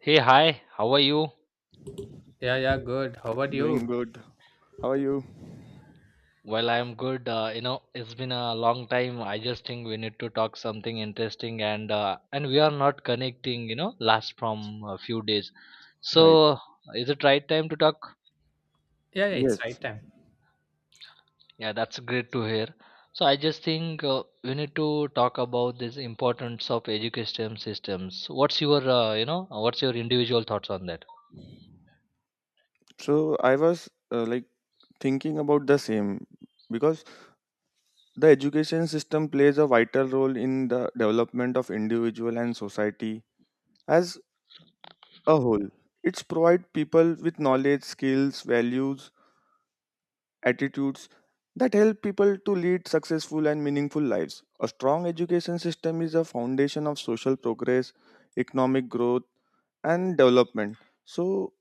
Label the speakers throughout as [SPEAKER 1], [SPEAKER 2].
[SPEAKER 1] Hey, hi, how are you?
[SPEAKER 2] Yeah, yeah, good. How about
[SPEAKER 3] Doing
[SPEAKER 2] you?
[SPEAKER 3] good. How are you?
[SPEAKER 1] Well, I'm good. It's been a long time. I just think we need to talk something interesting, and and we are not connecting. You know, last from a few days.
[SPEAKER 3] Right.
[SPEAKER 1] So, is it right time to talk?
[SPEAKER 2] Yeah, yeah, it's
[SPEAKER 3] Yes.
[SPEAKER 2] right time.
[SPEAKER 1] Yeah, that's great to hear. So, I just think we need to talk about this importance of education systems. What's your, what's your individual thoughts on that?
[SPEAKER 3] So I was like thinking about the same because the education system plays a vital role in the development of individual and society as a whole. It's provide people with knowledge, skills, values, attitudes that help people to lead successful and meaningful lives. A strong education system is a foundation of social progress, economic growth, and development. So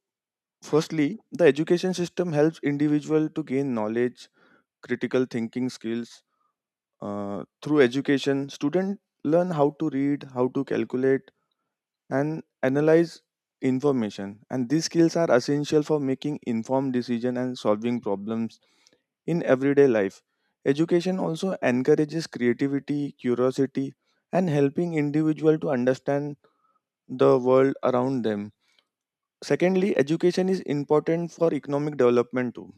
[SPEAKER 3] firstly, the education system helps individual to gain knowledge, critical thinking skills. Through education, students learn how to read, how to calculate, and analyze information. And these skills are essential for making informed decision and solving problems in everyday life. Education also encourages creativity, curiosity, and helping individual to understand the world around them. Secondly, education is important for economic development too.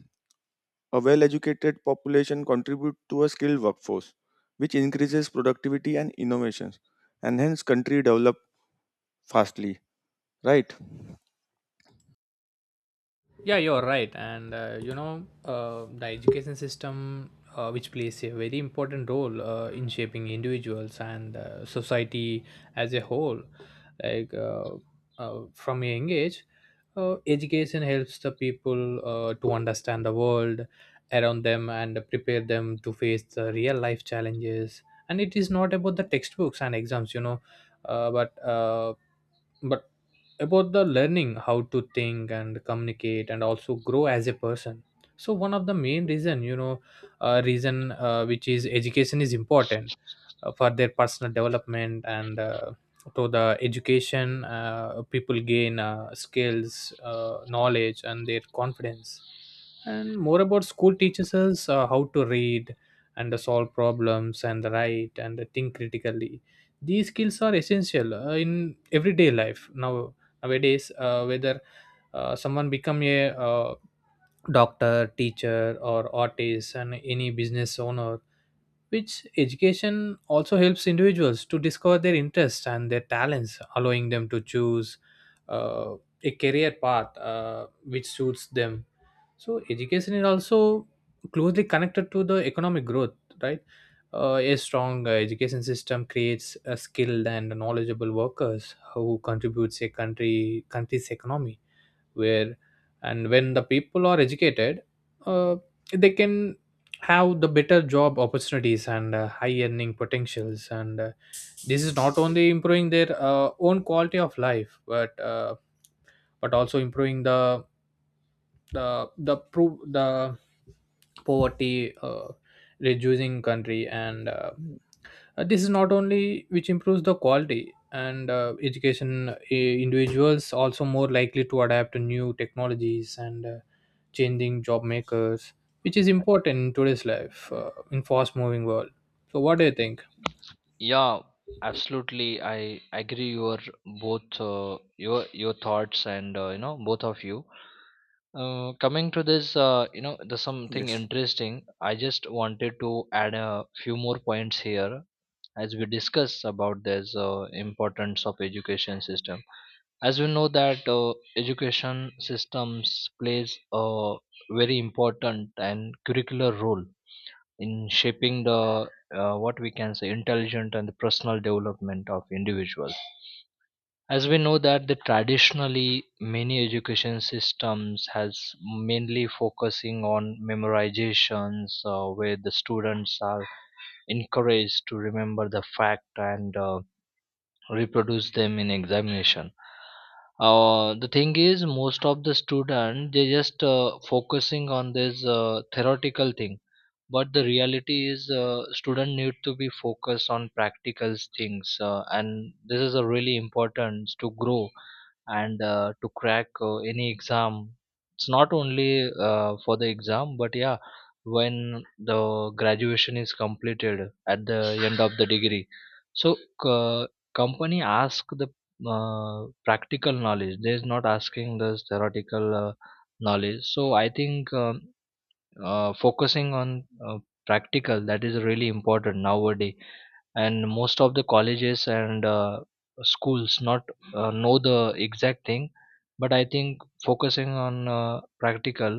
[SPEAKER 3] A well educated population contributes to a skilled workforce, which increases productivity and innovations, and hence country develop fastly, right?
[SPEAKER 2] Yeah, you're right. And the education system, which plays a very important role in shaping individuals and society as a whole, like uh, from a young age, education helps the people to understand the world around them and prepare them to face the real life challenges. And it is not about the textbooks and exams, uh, but uh, but about the learning how to think and communicate and also grow as a person. So one of the main reason you know reason which is education is important for their personal development, and to the education people gain skills, knowledge and their confidence. And more about, school teaches us how to read and solve problems and write and think critically. These skills are essential in everyday life now, nowadays, whether someone become a doctor, teacher or artist and any business owner, which education also helps individuals to discover their interests and their talents, allowing them to choose uh, a career path which suits them. So education is also closely connected to the economic growth, right? A strong education system creates a skilled and knowledgeable workers who contributes a country's economy, where and when the people are educated, uh, they can have the better job opportunities and high earning potentials, and this is not only improving their own quality of life, but also improving the poverty reducing country, and
[SPEAKER 3] Mm.
[SPEAKER 2] this is not only which improves the quality, and education individuals also more likely to adapt to new technologies, and changing job makers, which is important in today's life, in fast moving world. So what do you think?
[SPEAKER 1] Yeah, absolutely. I agree your both your thoughts and both of you. Coming to this, there's something
[SPEAKER 3] Yes.
[SPEAKER 1] interesting. I just wanted to add a few more points here as we discuss about this importance of education system. As we know that education systems plays a very important and curricular role in shaping the what we can say intelligent and the personal development of individuals, as we know that the traditionally many education systems has mainly focusing on memorizations, where the students are encouraged to remember the fact and reproduce them in examination. The thing is, most of the student they just focusing on this theoretical thing, but the reality is, student need to be focused on practical things, and this is a really important to grow and to crack any exam. It's not only for the exam, but yeah, when the graduation is completed at the end of the degree, so uh, company ask the practical knowledge. They're not asking the theoretical knowledge. So I think. Focusing on practical, that is really important nowadays, and most of the colleges and schools not know the exact thing, but I think focusing on practical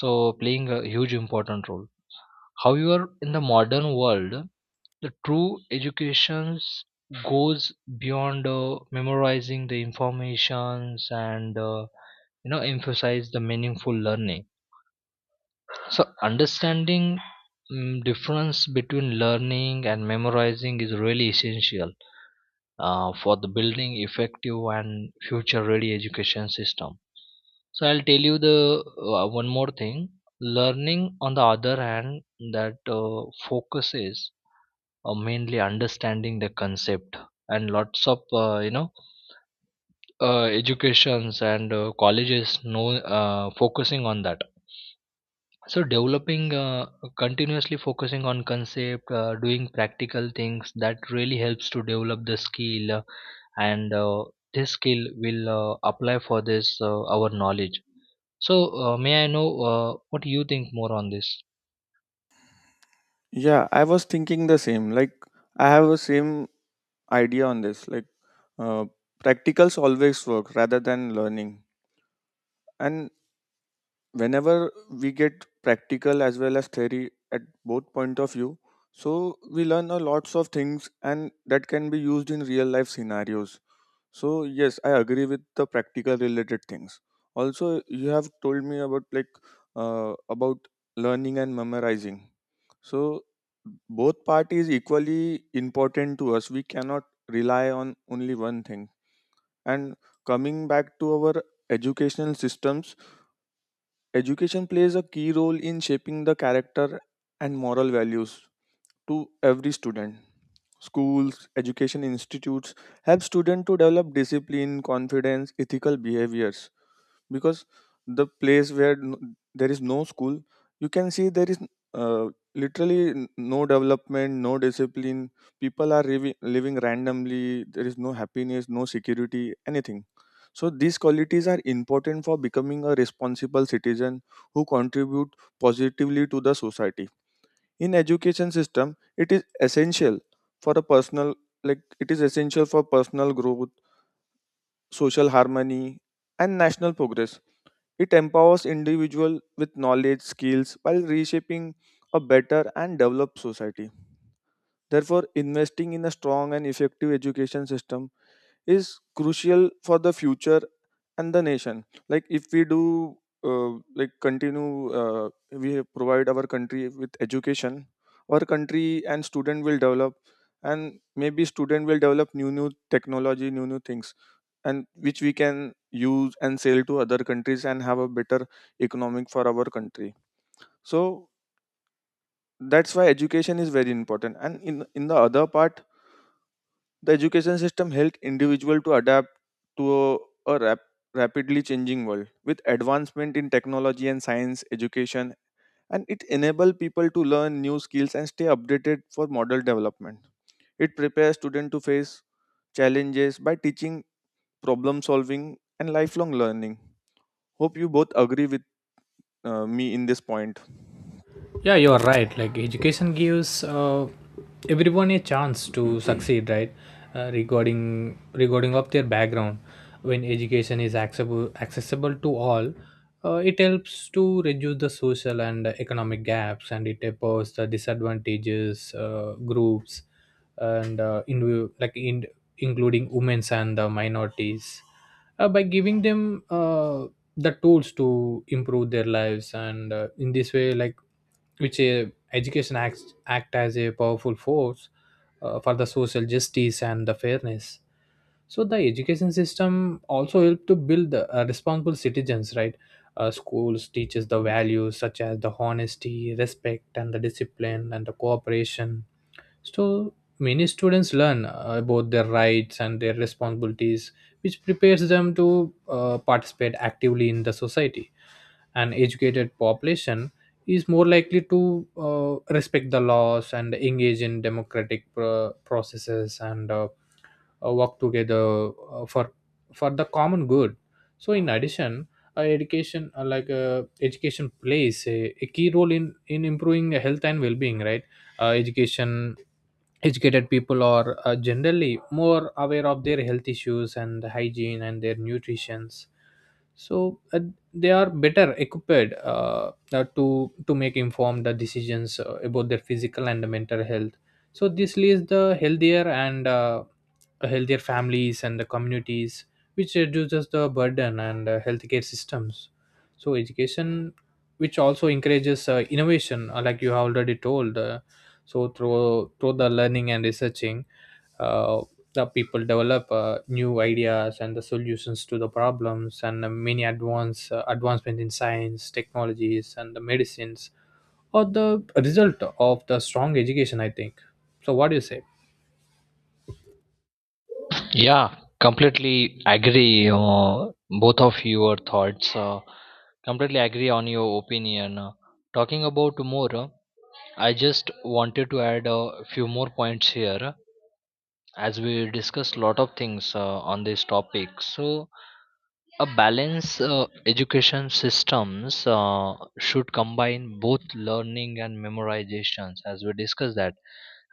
[SPEAKER 1] so playing a huge important role. However, in the modern world, the true education goes beyond memorizing the informations and emphasize the meaningful learning. So understanding difference between learning and memorizing is really essential for the building effective and future ready education system. So I'll tell you the one more thing. Learning, on the other hand, that focuses on mainly understanding the concept, and lots of educations and colleges know focusing on that. So developing, continuously focusing on concept, doing practical things that really helps to develop the skill, and this skill will apply for this our knowledge. So may I know what you think more on this?
[SPEAKER 3] Yeah, I was thinking the same. Like, I have a same idea on this. Like, uh, practicals always work rather than learning. And whenever we get practical as well as theory at both point of view, so we learn a lots of things and that can be used in real life scenarios. So yes, I agree with the practical related things. Also, you have told me about like about learning and memorizing. So both part is equally important to us. We cannot rely on only one thing. And coming back to our educational systems, education plays a key role in shaping the character and moral values to every student. Schools, education institutes help students to develop discipline, confidence, ethical behaviors. Because the place where there is no school, you can see there is uh, literally no development, no discipline. People are living randomly. There is no happiness, no security, anything. So these qualities are important for becoming a responsible citizen who contribute positively to the society. In education system it is essential for a personal like it is essential for personal growth, social harmony, and national progress. It empowers individual with knowledge skills while reshaping a better and developed society. Therefore investing in a strong and effective education system is crucial for the future and the nation. Like if we do continue, we provide our country with education, our country and student will develop, and maybe student will develop new technology, new things, and which we can use and sell to other countries and have a better economic for our country. So that's why education is very important, and in the other part, the education system helped individuals to adapt to a rap- rapidly changing world. With advancement in technology and science education, and it enables people to learn new skills and stay updated for model development. It prepares students to face challenges by teaching problem solving and lifelong learning. Hope you both agree with me in this point.
[SPEAKER 2] Yeah, you're right. Like, education gives everyone a chance to succeed, right? Regarding of their background, when education is accessible to all, it helps to reduce the social and economic gaps, and it tapers the disadvantages groups, and in like in including women's and the minorities, by giving them the tools to improve their lives. And in this way like which education acts, act as a powerful force for the social justice and the fairness. So the education system also help to build the, responsible citizens, right? Schools teaches the values such as the honesty, respect and the discipline and the cooperation. So many students learn about their rights and their responsibilities, which prepares them to participate actively in the society. An educated population is more likely to respect the laws and engage in democratic processes, and work together for the common good. So, in addition, education plays a key role in improving health and well-being, right? Education Educated people are generally more aware of their health issues and hygiene and their nutritions. So they are better equipped, to make informed decisions about their physical and mental health. So this leads the healthier and healthier families and the communities, which reduces the burden and healthcare systems. So education, which also encourages innovation, like you have already told. So through through the learning and researching, uh, the people develop new ideas and the solutions to the problems, and many advancement in science, technologies and the medicines are the result of the strong education, I think. So what do you say?
[SPEAKER 1] Yeah, completely agree. Both of your thoughts. Completely agree on your opinion. Talking about more, I just wanted to add a few more points here. As we discussed a lot of things on this topic, so a balanced education systems should combine both learning and memorizations, as we discussed that,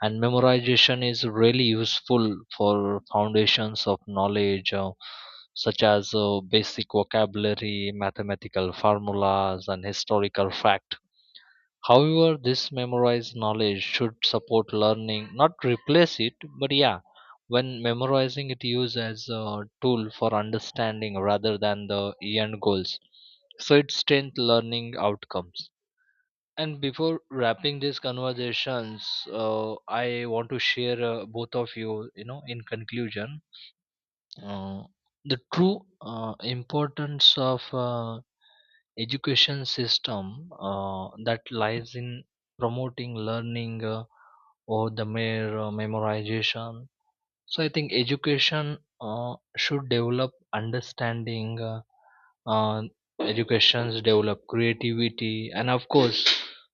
[SPEAKER 1] and memorization is really useful for foundations of knowledge, such as basic vocabulary, mathematical formulas and historical facts. However, this memorized knowledge should support learning, not replace it. But yeah, when memorizing it used as a tool for understanding rather than the end goals. So it strengthens learning outcomes. And before wrapping these conversations, I want to share both of you, you know, in conclusion, uh, the true importance of education system that lies in promoting learning or the mere memorization. So I think education should develop understanding, uh, educations develop creativity, and of course,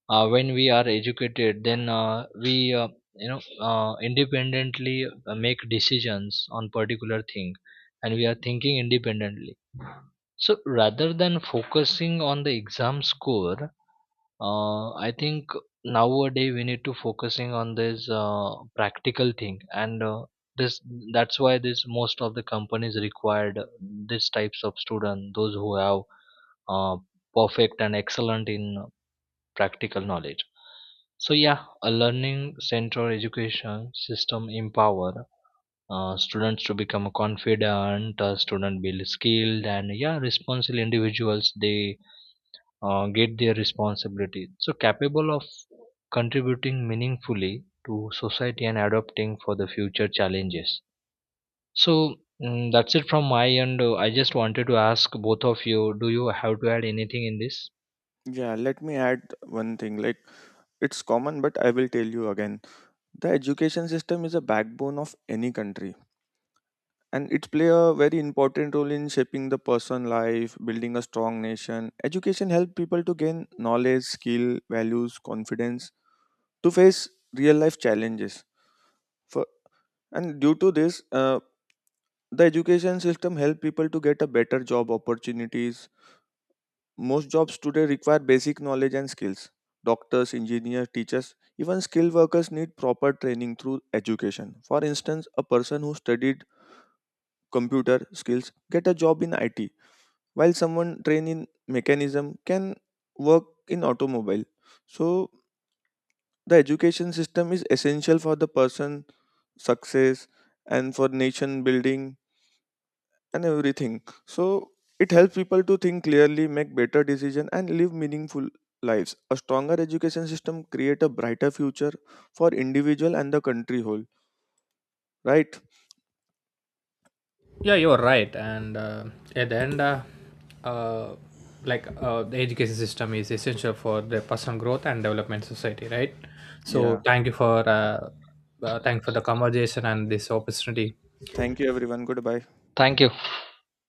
[SPEAKER 1] when we are educated, then we you know independently make decisions on particular thing, and we are thinking independently. So rather than focusing on the exam score, I think nowadays we need to focusing on this practical thing and this that's why this most of the companies required this types of student, those who have uh, perfect and excellent in practical knowledge. So yeah, a learning central education system empower students to become confident student, build skilled and yeah responsible individuals, they get their responsibility so capable of contributing meaningfully to society and adopting for the future challenges. So that's it from my end. I just wanted to ask both of you, do you have to add anything in this?
[SPEAKER 3] Yeah, let me add one thing. Like, it's common, but I will tell you again. The education system is a backbone of any country and it play a very important role in shaping the person life, building a strong nation. Education help people to gain knowledge, skill, values, confidence to face real life challenges for, and due to this, the education system help people to get a better job opportunities. Most jobs today require basic knowledge and skills. Doctors, engineers, teachers, even skilled workers need proper training through education. For instance, a person who studied computer skills get a job in it, while someone trained in mechanism can work in automobile. So the education system is essential for the person success and for nation building and everything. So it helps people to think clearly, make better decision, and live meaningful lives. A stronger education system create a brighter future for individual and the country whole, right?
[SPEAKER 2] Yeah, you're right. And at the end, uh, the education system is essential for the personal growth and development society, right? So
[SPEAKER 3] Yeah,
[SPEAKER 2] thank you for thank you for the conversation and this opportunity.
[SPEAKER 3] thank you everyone, goodbye.
[SPEAKER 1] Thank you.